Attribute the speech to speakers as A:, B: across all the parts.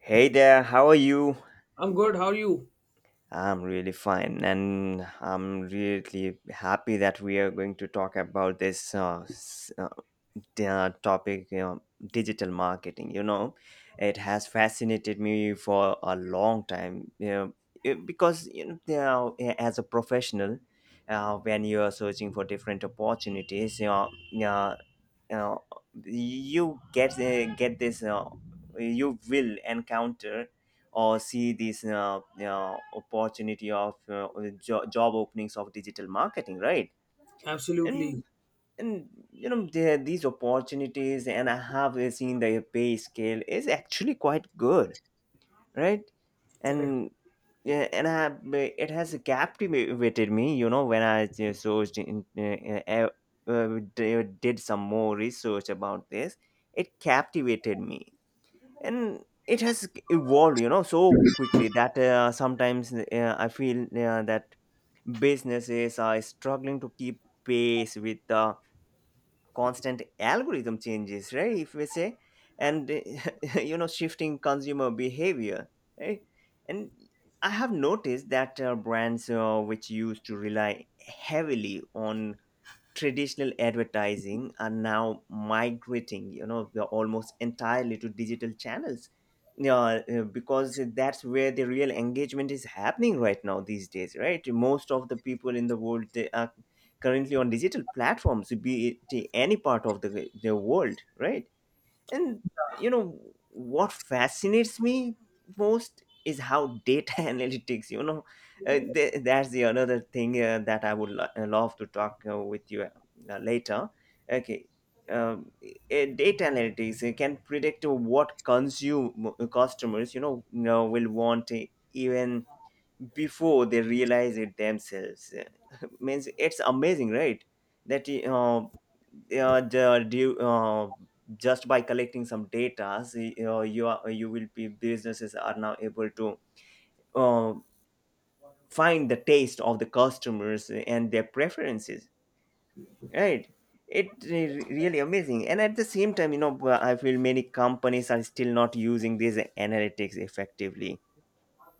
A: Hey there, how are you?
B: I'm good. How are you?
A: I'm really fine, and I'm really happy that we are going to talk about this topic digital marketing. It has fascinated me for a long time. It- because you know they are- As a professional, when you are searching for different opportunities, you know, you get this you will encounter or see opportunity of job openings of digital marketing, right? and
B: Absolutely
A: and You know, there these opportunities, and I have seen the pay scale is actually quite good, right?
B: correct.
A: and Yeah, and I have, it has captivated me, you know, when I just searched in, did some more research about this, it captivated me. And it has evolved, you know, so quickly that sometimes I feel that businesses are struggling to keep pace with the constant algorithm changes, right, if we say. And you know, shifting consumer behavior, right? And I have noticed that brands which used to rely heavily on traditional advertising are now migrating, you know, they're almost entirely to digital channels. Yeah, because that's where the real engagement is happening right now these days, right? Most of the people in the world, they are currently on digital platforms, be it any part of the world, right? And you know what fascinates me most is how data analytics. You know, that's the another thing that I would love to talk with you later. Okay. Data analytics can predict what consume customers will want, even before they realize it themselves. Means it's amazing, right? That uh, uh, the- do- uh, just by collecting some data, you will be, businesses are now able to uh, find the taste of the customers and their preferences, right? It re- really amazing, and at the same time, you know, I feel many companies are still not using these analytics effectively,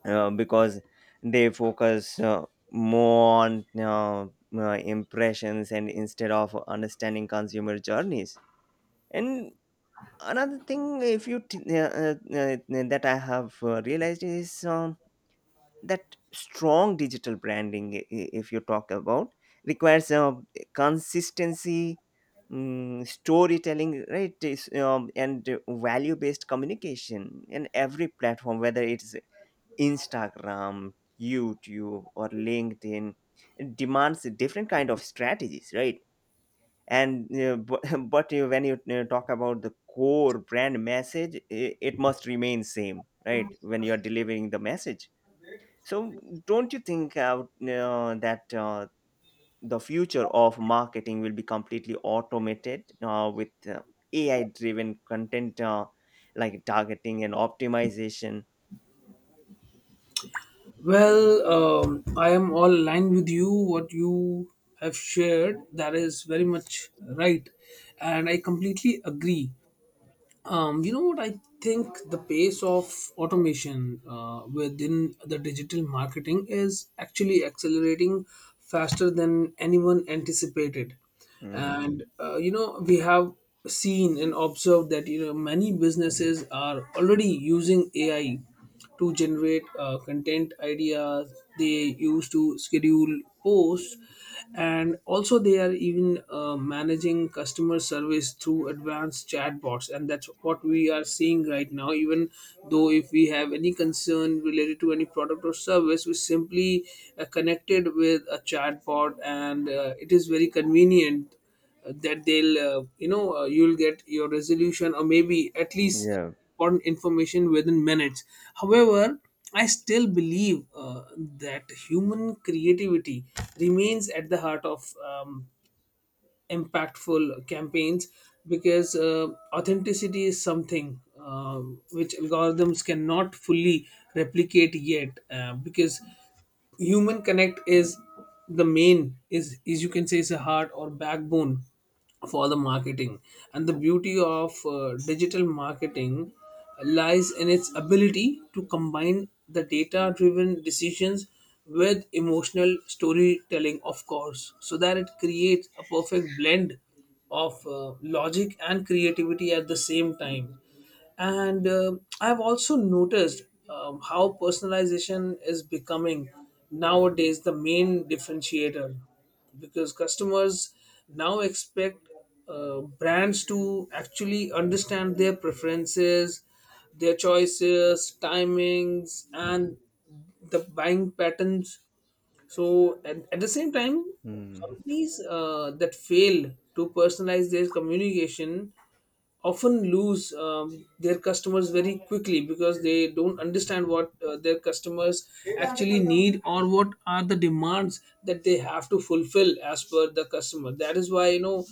A: because they focus more on impressions and instead of understanding consumer journeys. And another thing, if you t- that I have realized is that strong digital branding, if you talk about, requires consistency, storytelling, right, and value based communication in every platform, whether it's Instagram, YouTube, or LinkedIn demands different kind of strategies, right? And uh, but, but when you talk about the core brand message, it must remain same, right, when you are delivering the message. So don't you think that the future of marketing will be completely automated with AI-driven content, like targeting and optimization?
B: Well, I am all aligned with you. What you have shared, that is very much right, and I completely agree. You know what? I think the pace of automation within the digital marketing is actually accelerating faster than anyone anticipated.
A: Mhm.
B: We have seen and observed that, you know, many businesses are already using AI to generate content ideas. They used to schedule posts, and also they are even managing customer service through advanced chatbots, and that's what we are seeing right now. Even though if we have any concern related to any product or service, we simply connected with a chatbot, and it is very convenient that they'll you know you'll get your resolution, or maybe at least
A: Yeah.
B: important information within minutes. However, I still believe that human creativity remains at the heart of impactful campaigns, because authenticity is something um which algorithms cannot fully replicate yet, because human connect is the main, is is you can say is a heart or backbone for the marketing. And the beauty of digital marketing lies in its ability to combine the data driven decisions with emotional storytelling, of course, so that it creates a perfect blend of logic and creativity at the same time. And I've also noticed how personalization is becoming nowadays the main differentiator, because customers now expect brands to actually understand their preferences, their choices, timings, and the buying patterns. So at the same time, companies that fail to personalize their communication often lose their customers very quickly, because they don't understand what their customers actually need or what are the demands that they have to fulfill as per the customer. That is why, you know,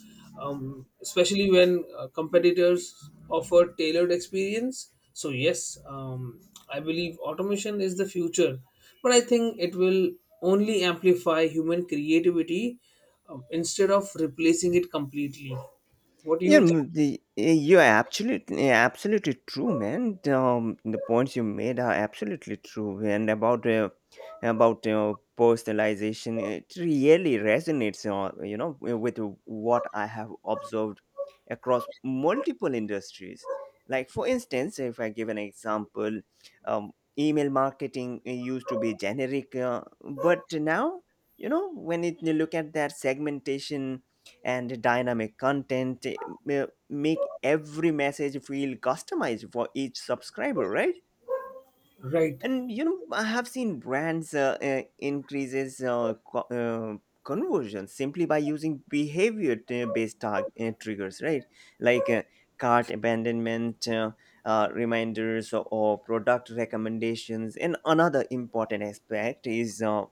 B: especially when competitors offer tailored experience. So yes, I believe automation is the future, but I think it will only amplify human creativity, instead of replacing it completely. What do
A: Yeah,
B: you think?
A: mm, you're absolutely true, man. The points you made are absolutely true, and about personalization, it really resonates, you know, with what I have observed across multiple industries. Like, for instance, if I give an example, um, email marketing used to be generic, but now, you know, you look at that segmentation and dynamic content make every message feel customized for each subscriber, right?
B: Right.
A: And you know, I have seen brands increases conversion simply by using behavior-based tag triggers, right? Like, cart abandonment reminders, or product recommendations. And another important aspect is,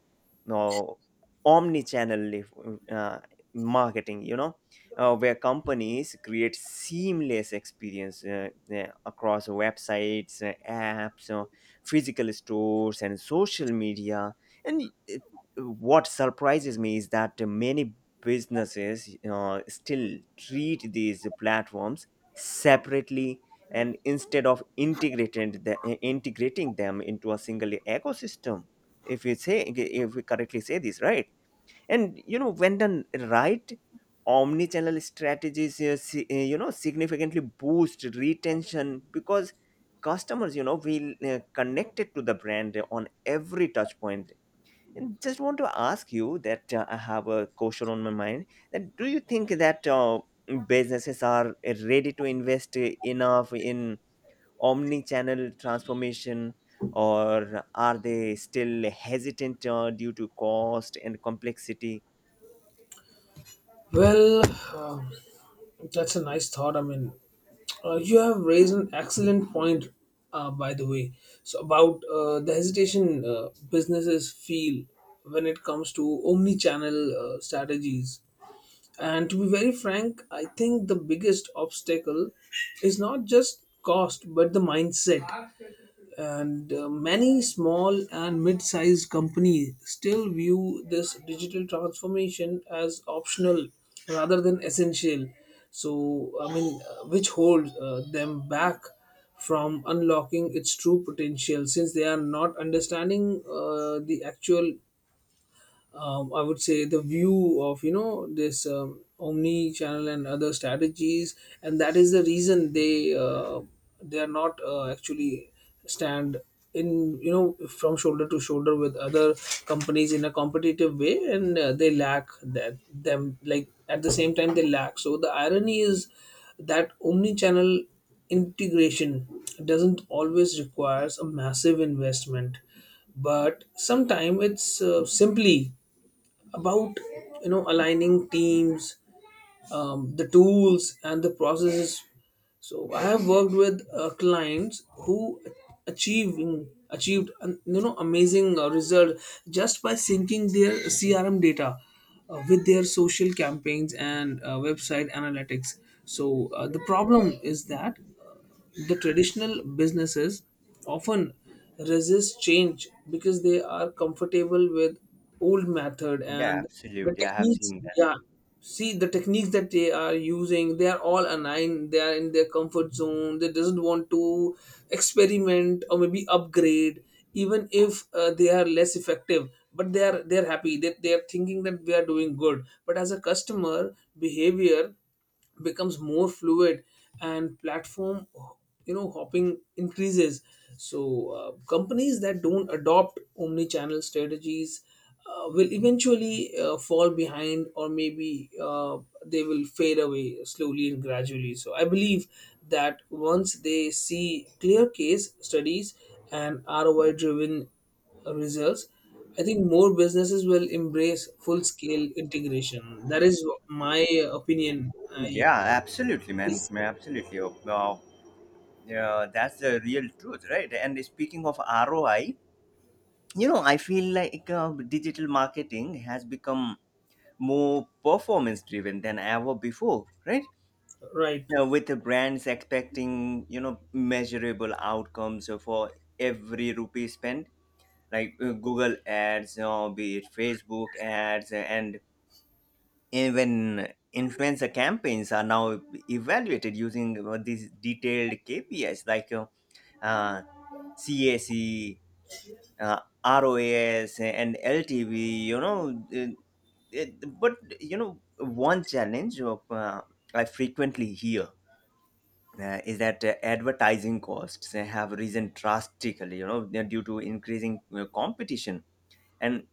A: no omni-channel uh, marketing. You know, where companies create seamless experience across websites, apps, physical stores and social media. And uh, what surprises me is that many businesses still treat these platforms separately, and instead of integrating them into a single ecosystem, if we say, if we correctly say this, right? And you know, when done right, omni-channel strategies you know, significantly boost retention because customers, you know, will connected to the brand on every touch point. And just want to ask you that, I have a question on my mind, that do you think that businesses are ready to invest enough in omni-channel transformation, or are they still hesitant due to cost and complexity?
B: Well, uh, that's a nice thought. I mean, you have raised an excellent point, by the way. So about the hesitation businesses feel when it comes to omni-channel strategies. And to be very frank, I think the biggest obstacle is not just cost, but the mindset. And many small and mid-sized companies still view this digital transformation as optional rather than essential. So I mean which holds them back from unlocking its true potential, since they are not understanding the actual, I would say, the view of, you know, this omni channel and other strategies. And that is the reason they are not actually stand in, you know, from shoulder to shoulder with other companies in a competitive way. And they lack that, them, like at the same time they lack. So the irony is that omni channel integration doesn't always requires a massive investment, but sometimes it's simply about, you know, aligning teams, the tools and the processes. So I have worked with clients who achieving achieved an, you know, amazing result just by syncing their CRM data with their social campaigns and website analytics. So the problem is that the traditional businesses often resist change because they are comfortable with old method and the techniques. Yeah, see, the techniques that they are using, they are all aligned, they are in their comfort zone, they doesn't want to experiment or maybe upgrade, even if they are less effective. But they are happy that they are thinking that we are doing good. But as a customer behavior becomes more fluid and platform, you know, hopping increases, so companies that don't adopt omni-channel strategies will eventually fall behind, or maybe they will fade away slowly and gradually. So I believe that once they see clear case studies and ROI driven results, I think more businesses will embrace full scale integration. That is my opinion. I
A: Yeah, absolutely, man.
B: is
A: Man, absolutely. Yeah, that's the real truth, right? And speaking of ROI, you know, I feel like digital marketing has become more performance driven than ever before, right?
B: right.
A: Now, with the brands expecting, you know, measurable outcomes for every rupee spent, like, Google ads, be it Facebook ads, and even influencer campaigns are now evaluated using these detailed KPIs like uh, CAC, uh, ROAS, and LTV. But you know, one challenge I frequently hear, is that advertising costs have risen drastically, you know, they're due to increasing competition, and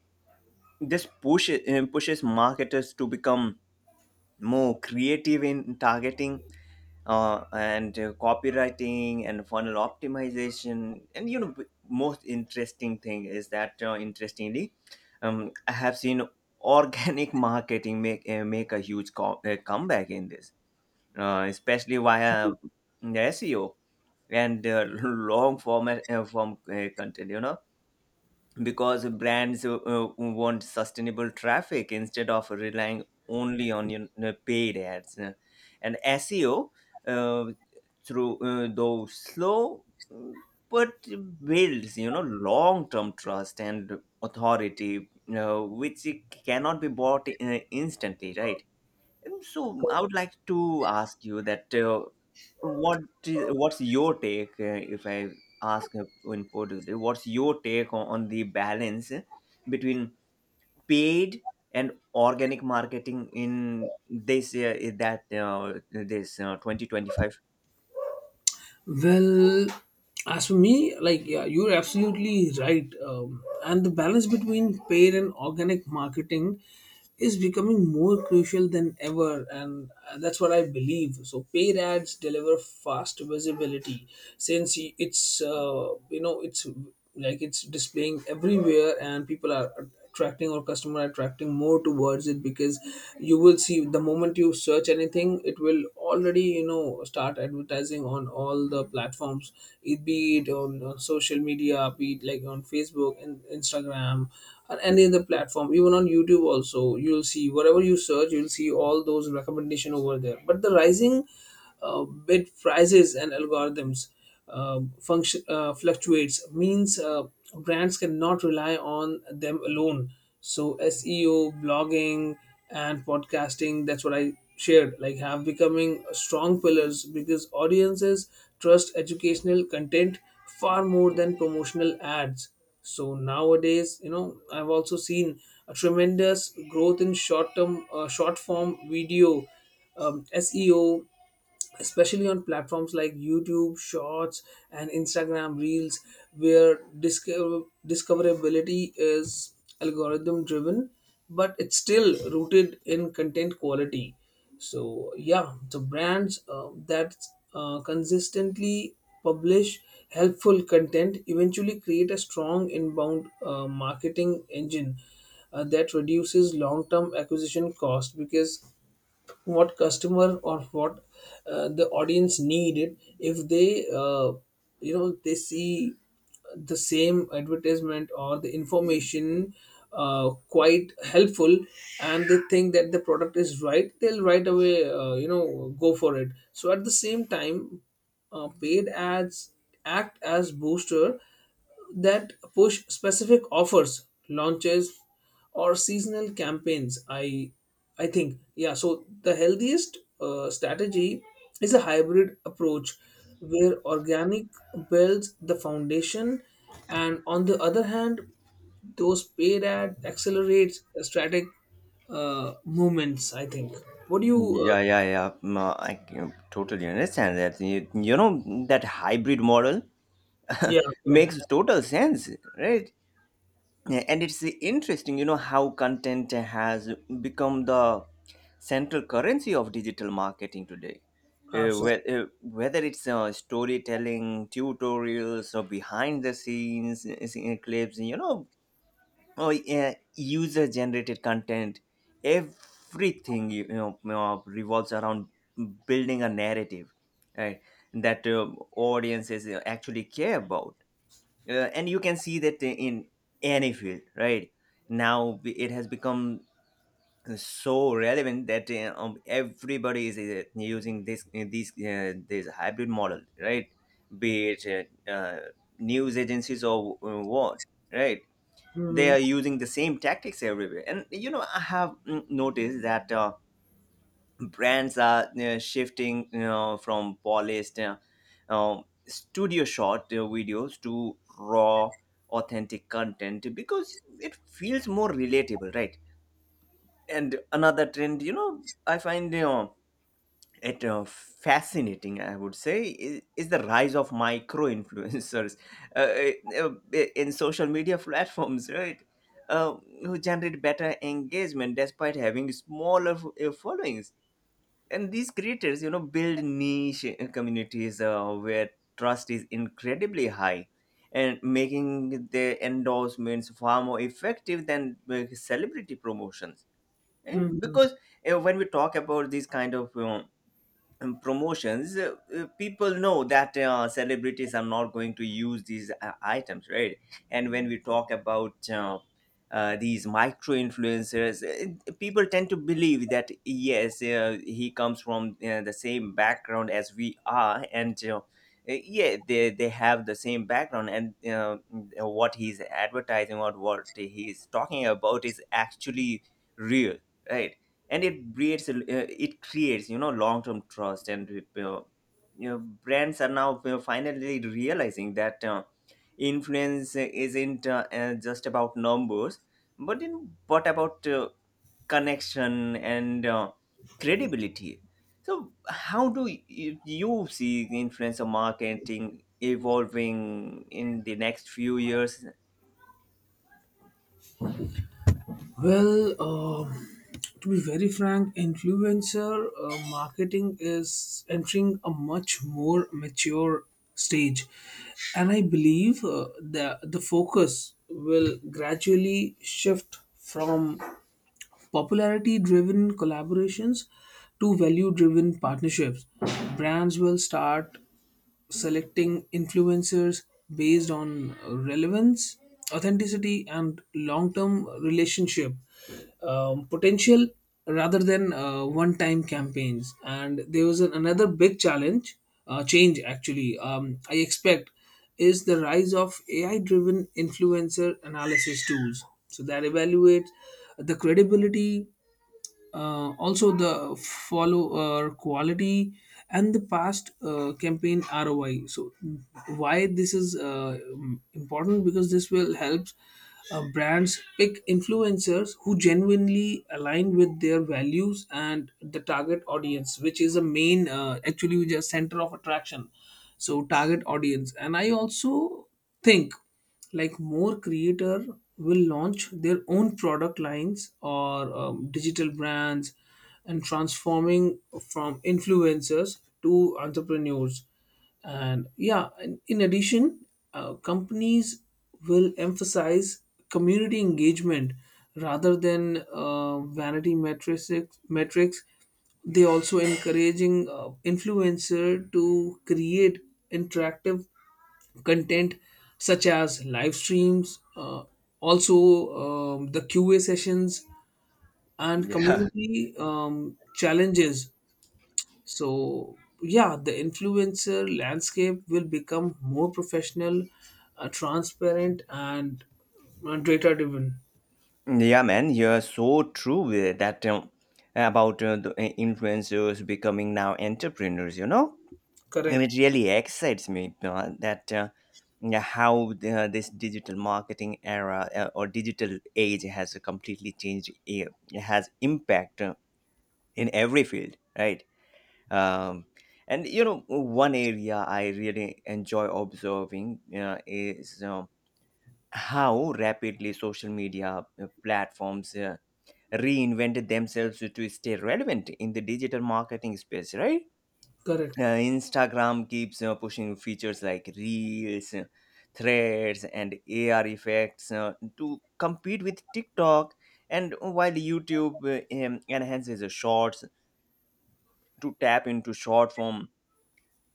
A: pushes marketers to become more creative in targeting and copywriting and funnel optimization. And you know, most interesting thing is that, interestingly, I have seen organic marketing make a huge comeback in this, especially via SEO and long form content, you know, because brands want sustainable traffic instead of relying only on, you know, paid ads. And SEO, uh, through though slow, mm, but builds, you know, long term trust and authority, which it cannot be bought instantly, right? Um, so I would like to ask you that, what is, what's your take if I ask, in Portugal, what's your take on the balance between paid and organic marketing in this in that this 2025?
B: Well, as for me, like yeah, you're absolutely right. And the balance between paid and organic marketing is becoming more crucial than ever, and that's what I believe. So paid ads deliver fast visibility, since it's you know, it's like it's displaying everywhere, and people are attracting or customer attracting more towards it. Because you will see, the moment you search anything, it will already, you know, start advertising on all the platforms. It be it on social media, be it like on Facebook and Instagram, or any other platform, even on YouTube also, you'll see whatever you search, you'll see all those recommendation over there. But the rising bid prices and algorithms function fluctuates, means brands cannot rely on them alone. So SEO, blogging, and podcasting, that's what I shared, like, have becoming strong pillars, because audiences trust educational content far more than promotional ads. So nowadays, you know, I've also seen a tremendous growth in short term short form video, SEO, especially on platforms like YouTube Shorts and Instagram Reels, where discoverability is algorithm driven, but it's still rooted in content quality. So, yeah, the brands that consistently publish helpful content eventually create a strong inbound marketing engine that reduces long term acquisition cost. Because what customer, or what the audience needed, if they you know, they see the same advertisement or the information quite helpful and they think that the product is right, they'll right away, you know, go for it. So at the same time, paid ads act as booster that push specific offers, launches, or seasonal campaigns. I think yeah, so the healthiest strategy is a hybrid approach, where organic builds the foundation, and on the other hand, those paid ad accelerates static movements, I think. What do you
A: Yeah, yeah, yeah. Mm, I can totally understand that. You know that hybrid model
B: yeah, correct,
A: makes total sense, right? Yeah, and it's interesting, you know, how content has become the central currency of digital marketing today.
B: absolutely.
A: Whether it's, storytelling, tutorials, or behind the scenes scene clips, you know, or user generated content, everything, you know, revolves around building a narrative, right, that audiences actually care about, and you can see that in any field, right? Now it has become so relevant that, everybody is using this hybrid model, right? Be it, news agencies, or what, right? They
B: Hmm.
A: are using the same tactics everywhere. And you know, I have noticed that brands are shifting, you know, from polished, studio shot videos to raw authentic content, because it feels more relatable, right? And another trend, you know, I find, you know, it fascinating, I would say, is the rise of micro influencers uh, uh, in social media platforms, right? uh, who generate better engagement despite having smaller followings. And these creators, you know, build niche communities where trust is incredibly high, and making their endorsements far more effective than celebrity promotions.
B: Hmm.
A: Because when we talk about these kind of promotions, people know that celebrities are not going to use these items, right? And when we talk about these micro influencers, people tend to believe that yes, he comes from the same background as we are, and yeah, they have the same background, and what he's advertising or what he's talking about is actually real, right? And it breeds it creates, you know, long term trust. And you know, brands are now finally realizing that influence isn't just about numbers, but in what about connection and credibility. So how do you, you see the influencer marketing evolving in the next few years?
B: Well, to be very frank, influencer marketing is entering a much more mature stage, and I believe the focus will gradually shift from popularity-driven collaborations to value-driven partnerships. Brands will start selecting influencers based on relevance, authenticity, and long term relationship potential, rather than one time campaigns. And there was an, another big challenge, change actually, I expect, is the rise of AI driven influencer analysis tools. So that evaluate the credibility, also the follower quality, and the past campaign ROI. So why this is important, because this will help brands pick influencers who genuinely align with their values and the target audience, which is a main, actually the center of attraction. So target audience. And I also think, like, more creator will launch their own product lines or digital brands, and transforming from influencers to entrepreneurs. And yeah, in addition, companies will emphasize community engagement rather than vanity metrics. metrics they also encouraging influencer to create interactive content such as live streams, also the QA sessions, and
A: Yeah,
B: community challenges. So, yeah, the influencer landscape will become more professional, transparent, and data driven.
A: yeah, man, you're so true with that, about the influencers becoming now entrepreneurs, you know? And it
B: Correct.
A: really excites me that yeah, how the, this digital marketing era, or digital age has completely changed, it has impact in every field, right? Um, and, you know, one area I really enjoy observing is, um, how rapidly social media platforms reinvented themselves to stay relevant in the digital marketing space, right?
B: Correct.
A: Instagram keeps pushing features like Reels, Threads, and AR effects to compete with TikTok. And while YouTube enhances the Shorts to tap into short form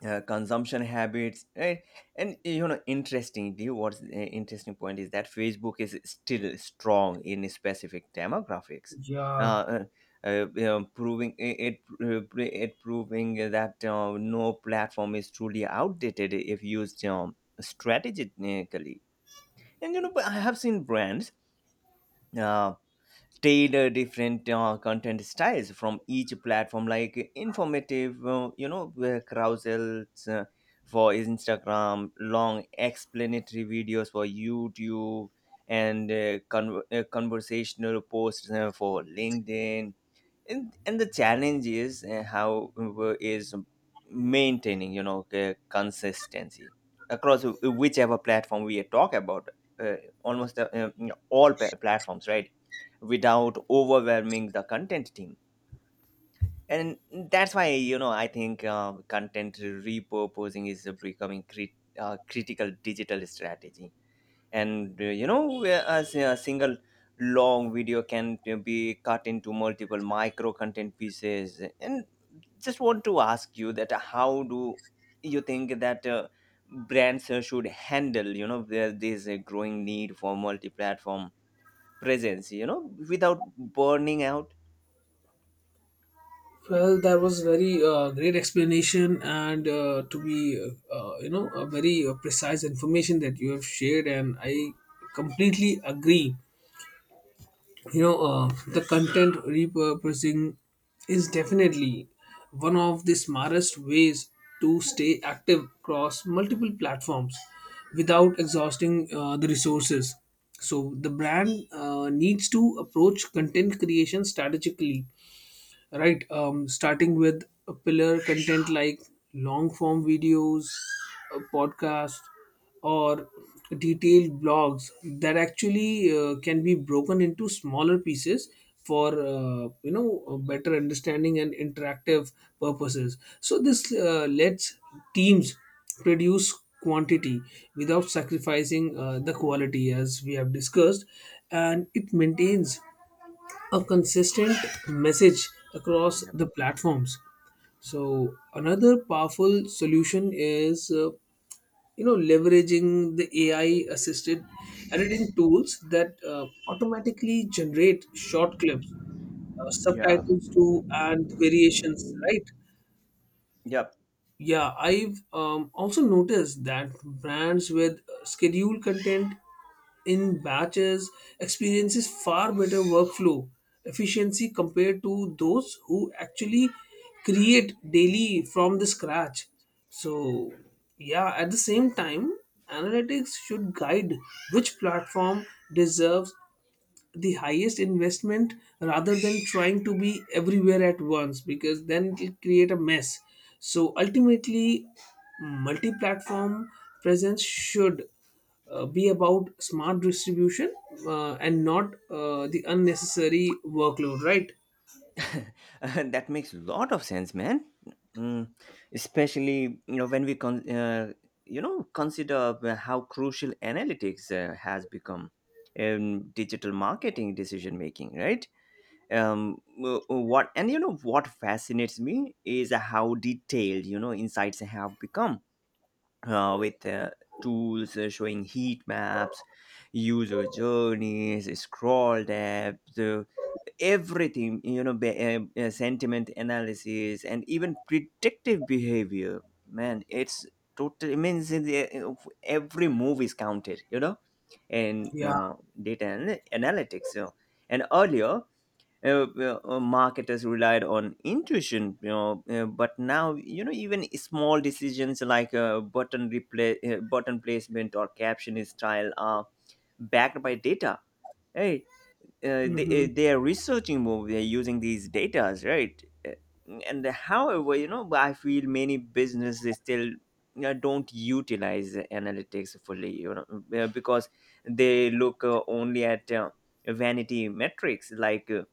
A: consumption habits, right? And eh, you know interesting do you what's interesting point is that Facebook is still strong in specific demographics. uh,
B: Yeah.
A: uh, Proving it, proving that no platform is truly outdated if used strategically. And you know but I have seen brands uh, tailor different content styles from each platform, like informative, carousels for Instagram, long explanatory videos for YouTube, and conversational posts for LinkedIn. And the challenge is how is maintaining, you know, consistency across whichever platform we talk about, uh, almost all platforms, right, without overwhelming the content team. And that's why, you know, I think content repurposing is becoming critical digital strategy. And as a single long video can be cut into multiple micro content pieces. And just want to ask you that, how do you think that brands should handle, you know, this growing need for multi-platform presence, you know, without burning out?
B: Well, that was very great explanation, and to be you know, a very precise information that you have shared, and I completely agree. You know, the content repurposing is definitely one of the smartest ways to stay active across multiple platforms without exhausting the resources. So the brand needs to approach content creation strategically, right? Starting with a pillar content like long form videos, a podcast, or detailed blogs, that actually can be broken into smaller pieces for you know, a better understanding and interactive purposes. So this lets teams produce quantity without sacrificing the quality, as we have discussed, and it maintains a consistent message across
A: Yep.
B: the platforms. So another powerful solution is you know, leveraging the AI assisted editing tools that automatically generate short clips,
A: Yeah.
B: subtitles to, and variations, right?
A: Yeah.
B: Yeah, I've also noticed that brands with scheduled content in batches experiences far better workflow efficiency compared to those who actually create daily from the scratch. So, yeah, at the same time, analytics should guide which platform deserves the highest investment, rather than trying to be everywhere at once, because then it will create a mess. So ultimately, multi-platform presence should be about smart distribution, and not the unnecessary workload, right?
A: that makes a lot of sense, man. Mm, especially, you know, when we consider how crucial analytics has become in digital marketing decision making, right? W- what and you know what fascinates me is how detailed, you know, insights have become, with tools showing heat maps, user journeys, scroll depth, everything, you know, sentiment analysis, and even predictive behavior. Man, it's total. It means every move is counted, you know, and
B: Yeah.
A: data analytics, you know. And earlier, marketers relied on intuition, you know, but now, you know, even small decisions like button placement or caption style are backed by data. Hey,
B: Hmm.
A: they are researching more, they're using these datas, right? Uh, and however you know I feel many businesses still, you don't utilize analytics fully, you know, because they look only at vanity metrics, like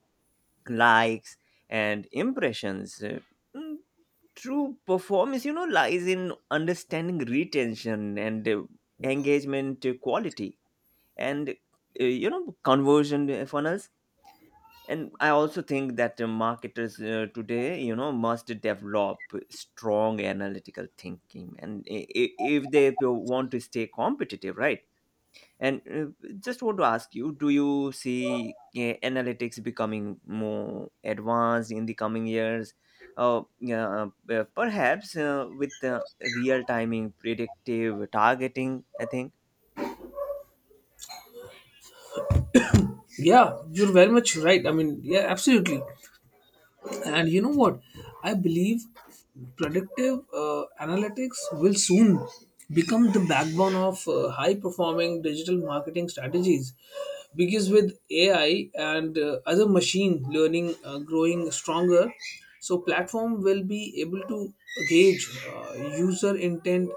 A: likes and impressions. Mm, True performance, you know, lies in understanding retention and engagement quality, and conversion funnels. And I also think that marketers today, you know, must develop strong analytical thinking if they want to stay competitive, right? and Just want to ask you, do you see analytics becoming more advanced in the coming years? Yeah, perhaps with real timing, predictive targeting, I think.
B: Yeah, you're very much right, I mean, yeah, absolutely. And you know what? I believe predictive analytics will soon become the backbone of high performing digital marketing strategies because with AI and other machine learning growing stronger, so platform will be able to gauge user intent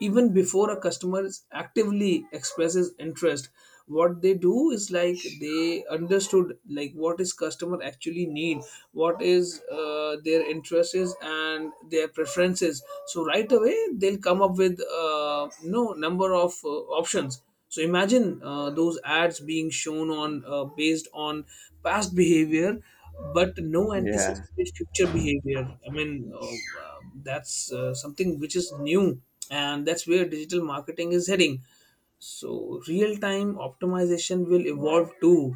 B: even before a customer is actively expresses interest. What they do is like they understood like what is customer actually need, what is their interest is and their preferences, so right away they'll come up with number of options. So imagine those ads being shown on based on past behavior but no
A: Yeah.
B: anticipated future behavior. I mean uh, that's something which is new, and that's where digital marketing is heading. So real time optimization will evolve too,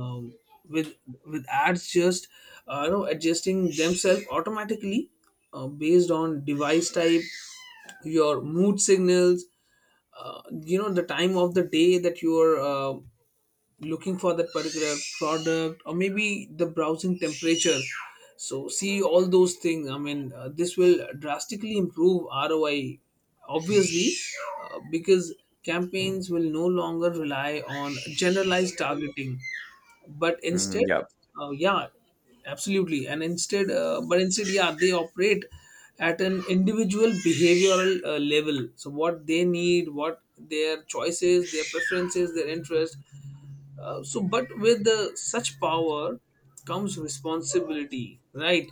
B: um, with with ads just adjusting themselves automatically, based on device type, your mood signals, the time of the day that you are looking for that particular product, or maybe the browsing temperature. So see all those things. This will drastically improve roi obviously, because campaigns will no longer rely on generalized targeting but
A: Mm,
B: instead.
A: yeah.
B: Yeah, absolutely. And instead, but instead yeah, they operate at an individual behavioral level. So what they need, what their choices, their preferences, their interest. So but with such power comes responsibility, right?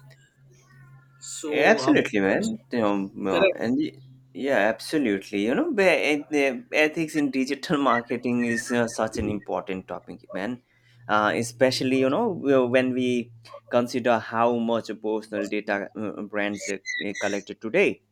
B: So
A: Absolutely, man. You know,
B: correct.
A: yeah, absolutely. You know, and the ethics in digital marketing is such an important topic, man. Especially, you know, w- when we consider how much personal data brands collect today.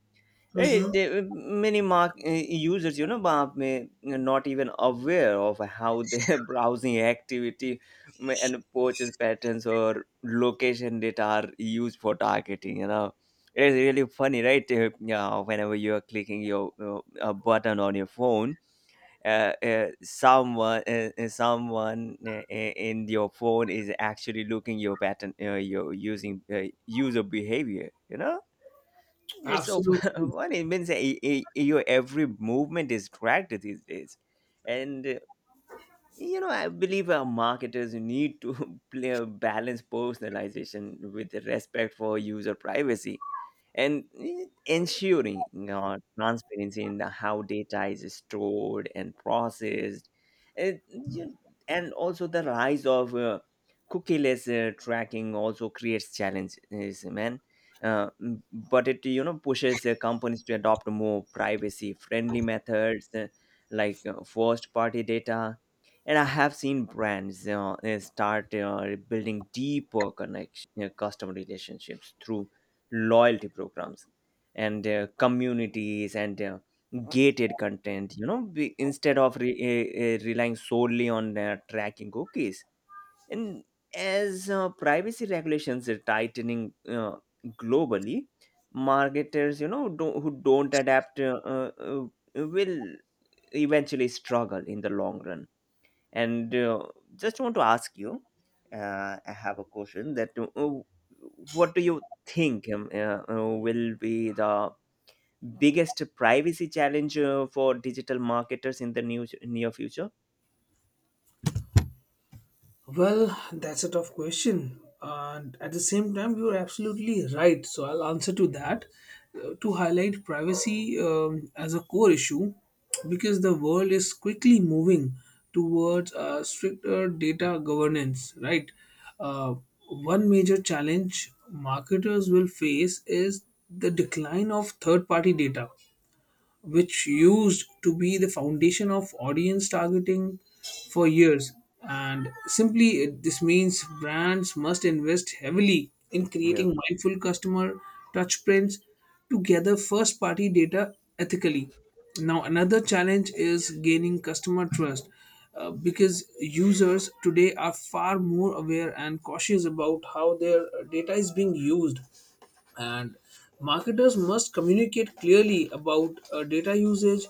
A: Hey,
B: Hmm.
A: users, you know, Bob, may not even aware of how their browsing activity and purchase patterns or location data are used for targeting. You know, it's really funny, right? Yeah, whenever you are clicking your a button on your phone, someone in your phone is actually looking your pattern, your using user behavior, you know. It's so
B: Absolutely.
A: funny. It means your every movement is tracked these days, and you know, I believe our marketers need to play a balance personalization with the respect for user privacy, and ensuring, you know, transparency in the how data is stored and processed. And, you- and also the rise of cookieless tracking also creates challenges, man. But it pushes companies to adopt more privacy friendly methods, like first party data. And I have seen brands, you start building deeper connection, you customer relationships through loyalty programs and communities and gated content, you know, instead of relying solely on tracking cookies. And as privacy regulations are tightening globally, marketers, you know, do who don't adapt will eventually struggle in the long run. And just want to ask you, I have a question that what do you think will be the biggest privacy challenge for digital marketers in the new near future?
B: Well, that's a tough question. And at the same time, you're absolutely right. So I'll answer to that. To highlight privacy as a core issue, because the world is quickly moving towards stricter data governance, right? Uh, One major challenge marketers will face is the decline of third party data, which used to be the foundation of audience targeting for years. And simply, this means brands must invest heavily in
A: Yeah.
B: creating mindful customer touchpoints to gather first party data ethically. Now, another challenge is gaining customer trust, because users today are far more aware and cautious about how their data is being used, and marketers must communicate clearly about data usage,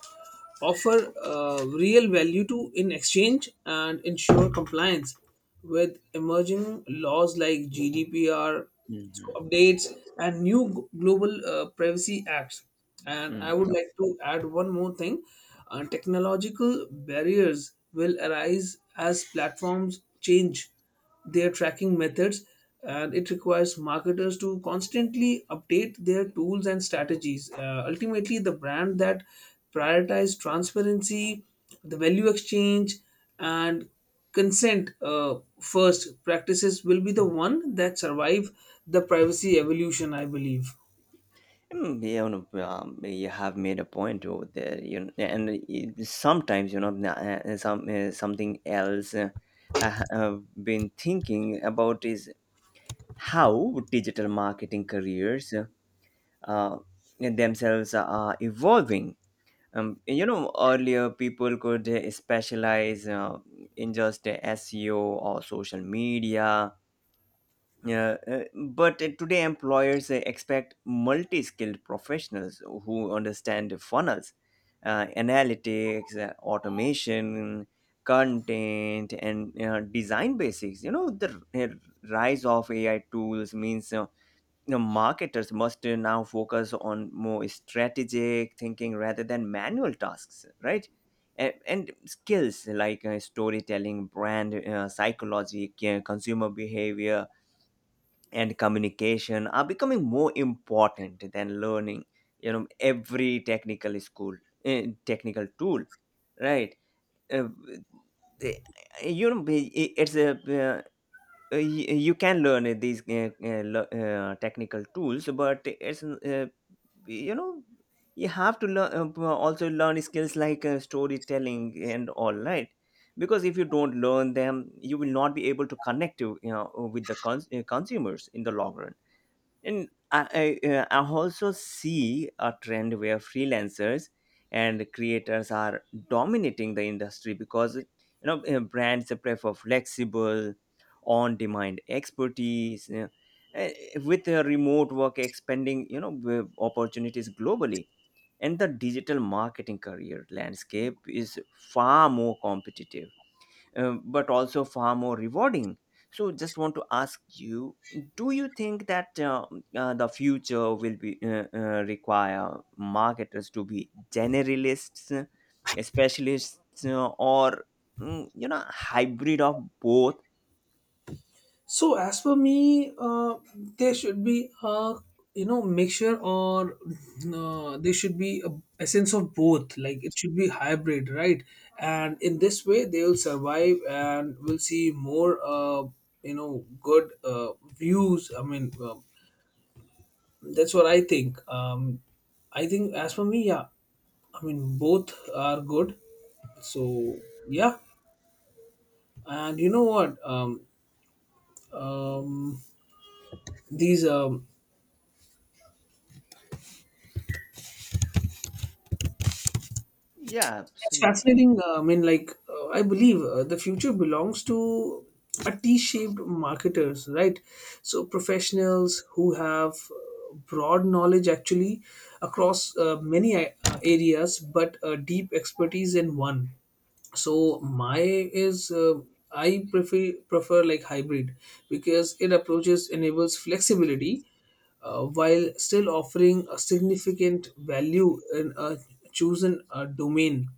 B: offer real value to in exchange, and ensure compliance with emerging laws like gdpr, so
A: Hmm.
B: updates and new global privacy acts. And I
A: Mm,
B: would
A: yep.
B: like to add one more thing. Technological barriers will arise as platforms change their tracking methods, and it requires marketers to constantly update their tools and strategies. Ultimately, the brand that prioritizes transparency, the value exchange, and consent first practices will be the one that survive the privacy evolution, I believe.
A: Mm, you know, you have made a point over there. You know, and it- sometimes you know na- some something else I have been thinking about is how digital marketing careers uh, themselves are evolving. You know, earlier people could specialize in just SEO or social media. Yeah, but today employers expect multi-skilled professionals who understand funnels, analytics, automation, content, and design basics. You know, the rise of AI tools means, you know, marketers must now focus on more strategic thinking rather than manual tasks, right? And skills like storytelling, brand psychology, consumer behavior, and communication are becoming more important than learning, you know, every technical school, technical tool, right? Uh, eh, it's a you can learn these technical tools, but it's you know, you have to learn skills like storytelling and all, right? Because if you don't learn them, you will not be able to connect to, you know, with the consumers in the long run. And I also see a trend where freelancers and creators are dominating the industry because you know, brands prefer flexible, on-demand expertise, you know, uh, with remote work expanding, you know, opportunities globally. And the digital marketing career landscape is far more competitive, but also far more rewarding. So, just want to ask you: do you think that the future will be require marketers to be generalists, specialists, or you know, hybrid of both?
B: So as for me, there should be a mixture, or there should be a essence of both. Like it should be hybrid, right? And in this way, they will survive and will see more good views. That's what I think. I think as for me, yeah, I mean both are good. So yeah, and you know what? Um, these
A: Yeah,
B: It's
A: absolutely.
B: fascinating. I believe the future belongs to a T-shaped marketers, right? So professionals who have broad knowledge actually across many areas, but deep expertise in one. So my is I prefer like hybrid, because it approaches enables flexibility while still offering a significant value in a chosen domain.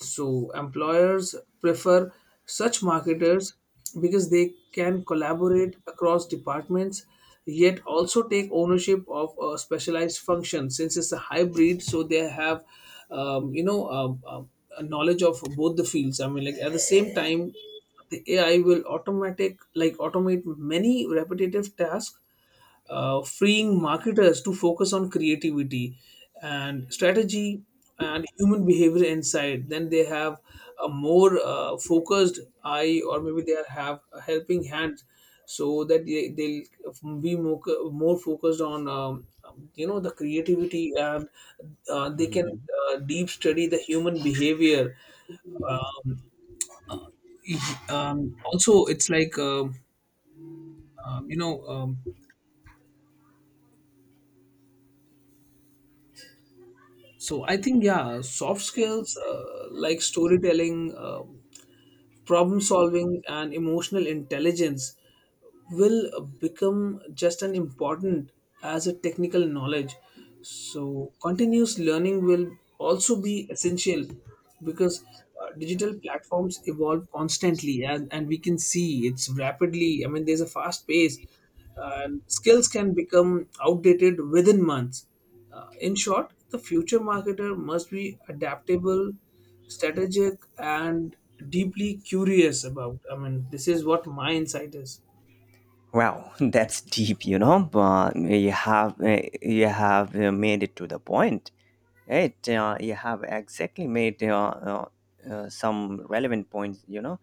B: So, employers prefer such marketers because they can collaborate across departments, yet also take ownership of a specialized function, since it's a hybrid so they have um, you know um, um, a knowledge of both the fields. At the same time, the ai will automatic like automate many repetitive tasks, freeing marketers to focus on creativity and strategy and human behavior insight. Then they have a more focused eye, or maybe they are have a helping hand, so that they'll be more focused on the creativity, and they can deep study the human behavior. Um, Also, it's like um, you know. Um, so I think yeah, soft skills like storytelling, problem solving, and emotional intelligence will become just as important as a technical knowledge. So, continuous learning will also be essential, because digital platforms evolve constantly, and we can see it's rapidly. I mean, there's a fast pace, and skills can become outdated within months. In short, the future marketer must be adaptable, strategic, and deeply curious about. I mean, this is what my insight is.
A: Wow, that's deep, you know. But you have made it to the point, right? You have exactly made some relevant points, you know.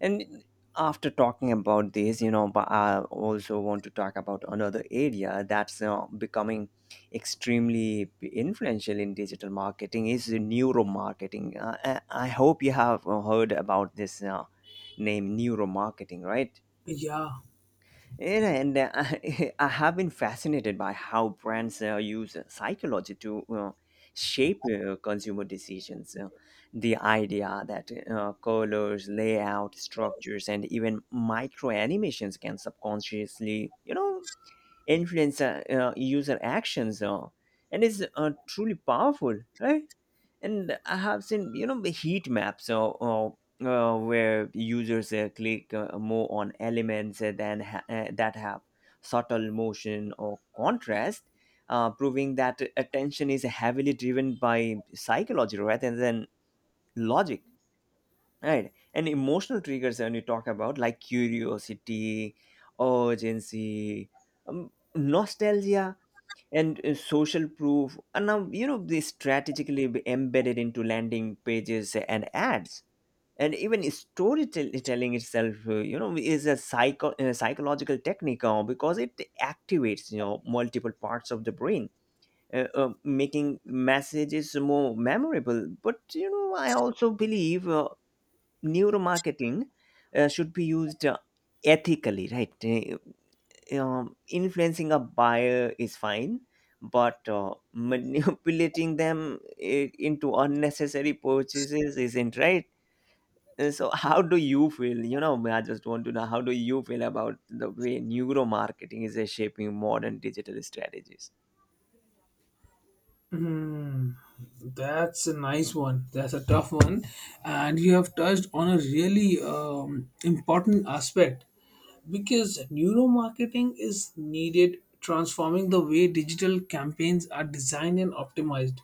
A: And after talking about this, you know, but I also want to talk about another area that's becoming extremely influential in digital marketing is neuromarketing. I hope you have heard about this name neuromarketing, right?
B: Yeah.
A: Yeah, and I have been fascinated by how brands use psychology to shape consumer decisions. The idea that colors, layout, structures, and even micro animations can subconsciously, you know, influence user actions, and is truly powerful, right? And I have seen, you know, the heat maps, where users click more on elements that have subtle motion or contrast, proving that attention is heavily driven by psychology rather than logic, right? And emotional triggers, when you talk about, like, curiosity, urgency, nostalgia, and social proof are now, you know, they strategically be embedded into landing pages and ads. And even storytelling itself, you know, is a psychological technique, because it activates, you know, multiple parts of the brain, making messages more memorable. But you know, I also believe neuromarketing should be used ethically, right? Influencing a buyer is fine, but manipulating them into unnecessary purchases isn't right. And so how do you feel, you know, I just want to know, how do you feel about the way neuromarketing is shaping modern digital strategies?
B: Hmm. That's a nice one. That's a tough one, and you have touched on a really important aspect, because neuromarketing is needed transforming the way digital campaigns are designed and optimized.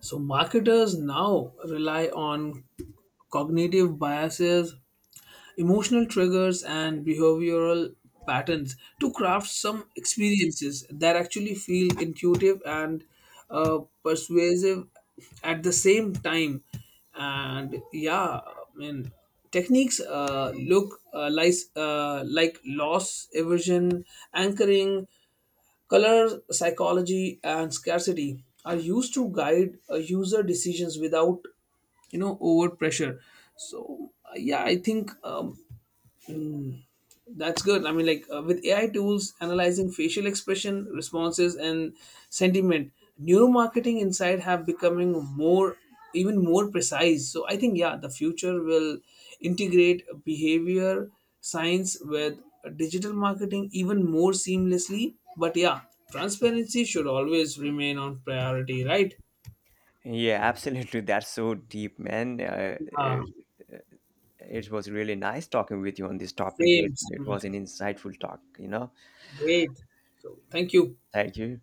B: So marketers now rely on cognitive biases, emotional triggers, and behavioral patterns to craft some experiences that actually feel intuitive and persuasive at the same time. And yeah I mean techniques look like loss aversion, anchoring, color psychology, and scarcity are used to guide user decisions without over pressure. So yeah, I think that's good. I mean, like with AI tools analyzing facial expression, responses, and sentiment, neuromarketing insight have becoming more, even more precise. So I think yeah, the future will integrate behavior science with digital marketing even more seamlessly. But yeah, transparency should always remain on priority, right?
A: Yeah, absolutely. That's so deep, man.
B: Uh,
A: It was really nice talking with you on this topic.
B: same,
A: It
B: same.
A: was an insightful talk, you know.
B: Great. So thank you.
A: Thank you.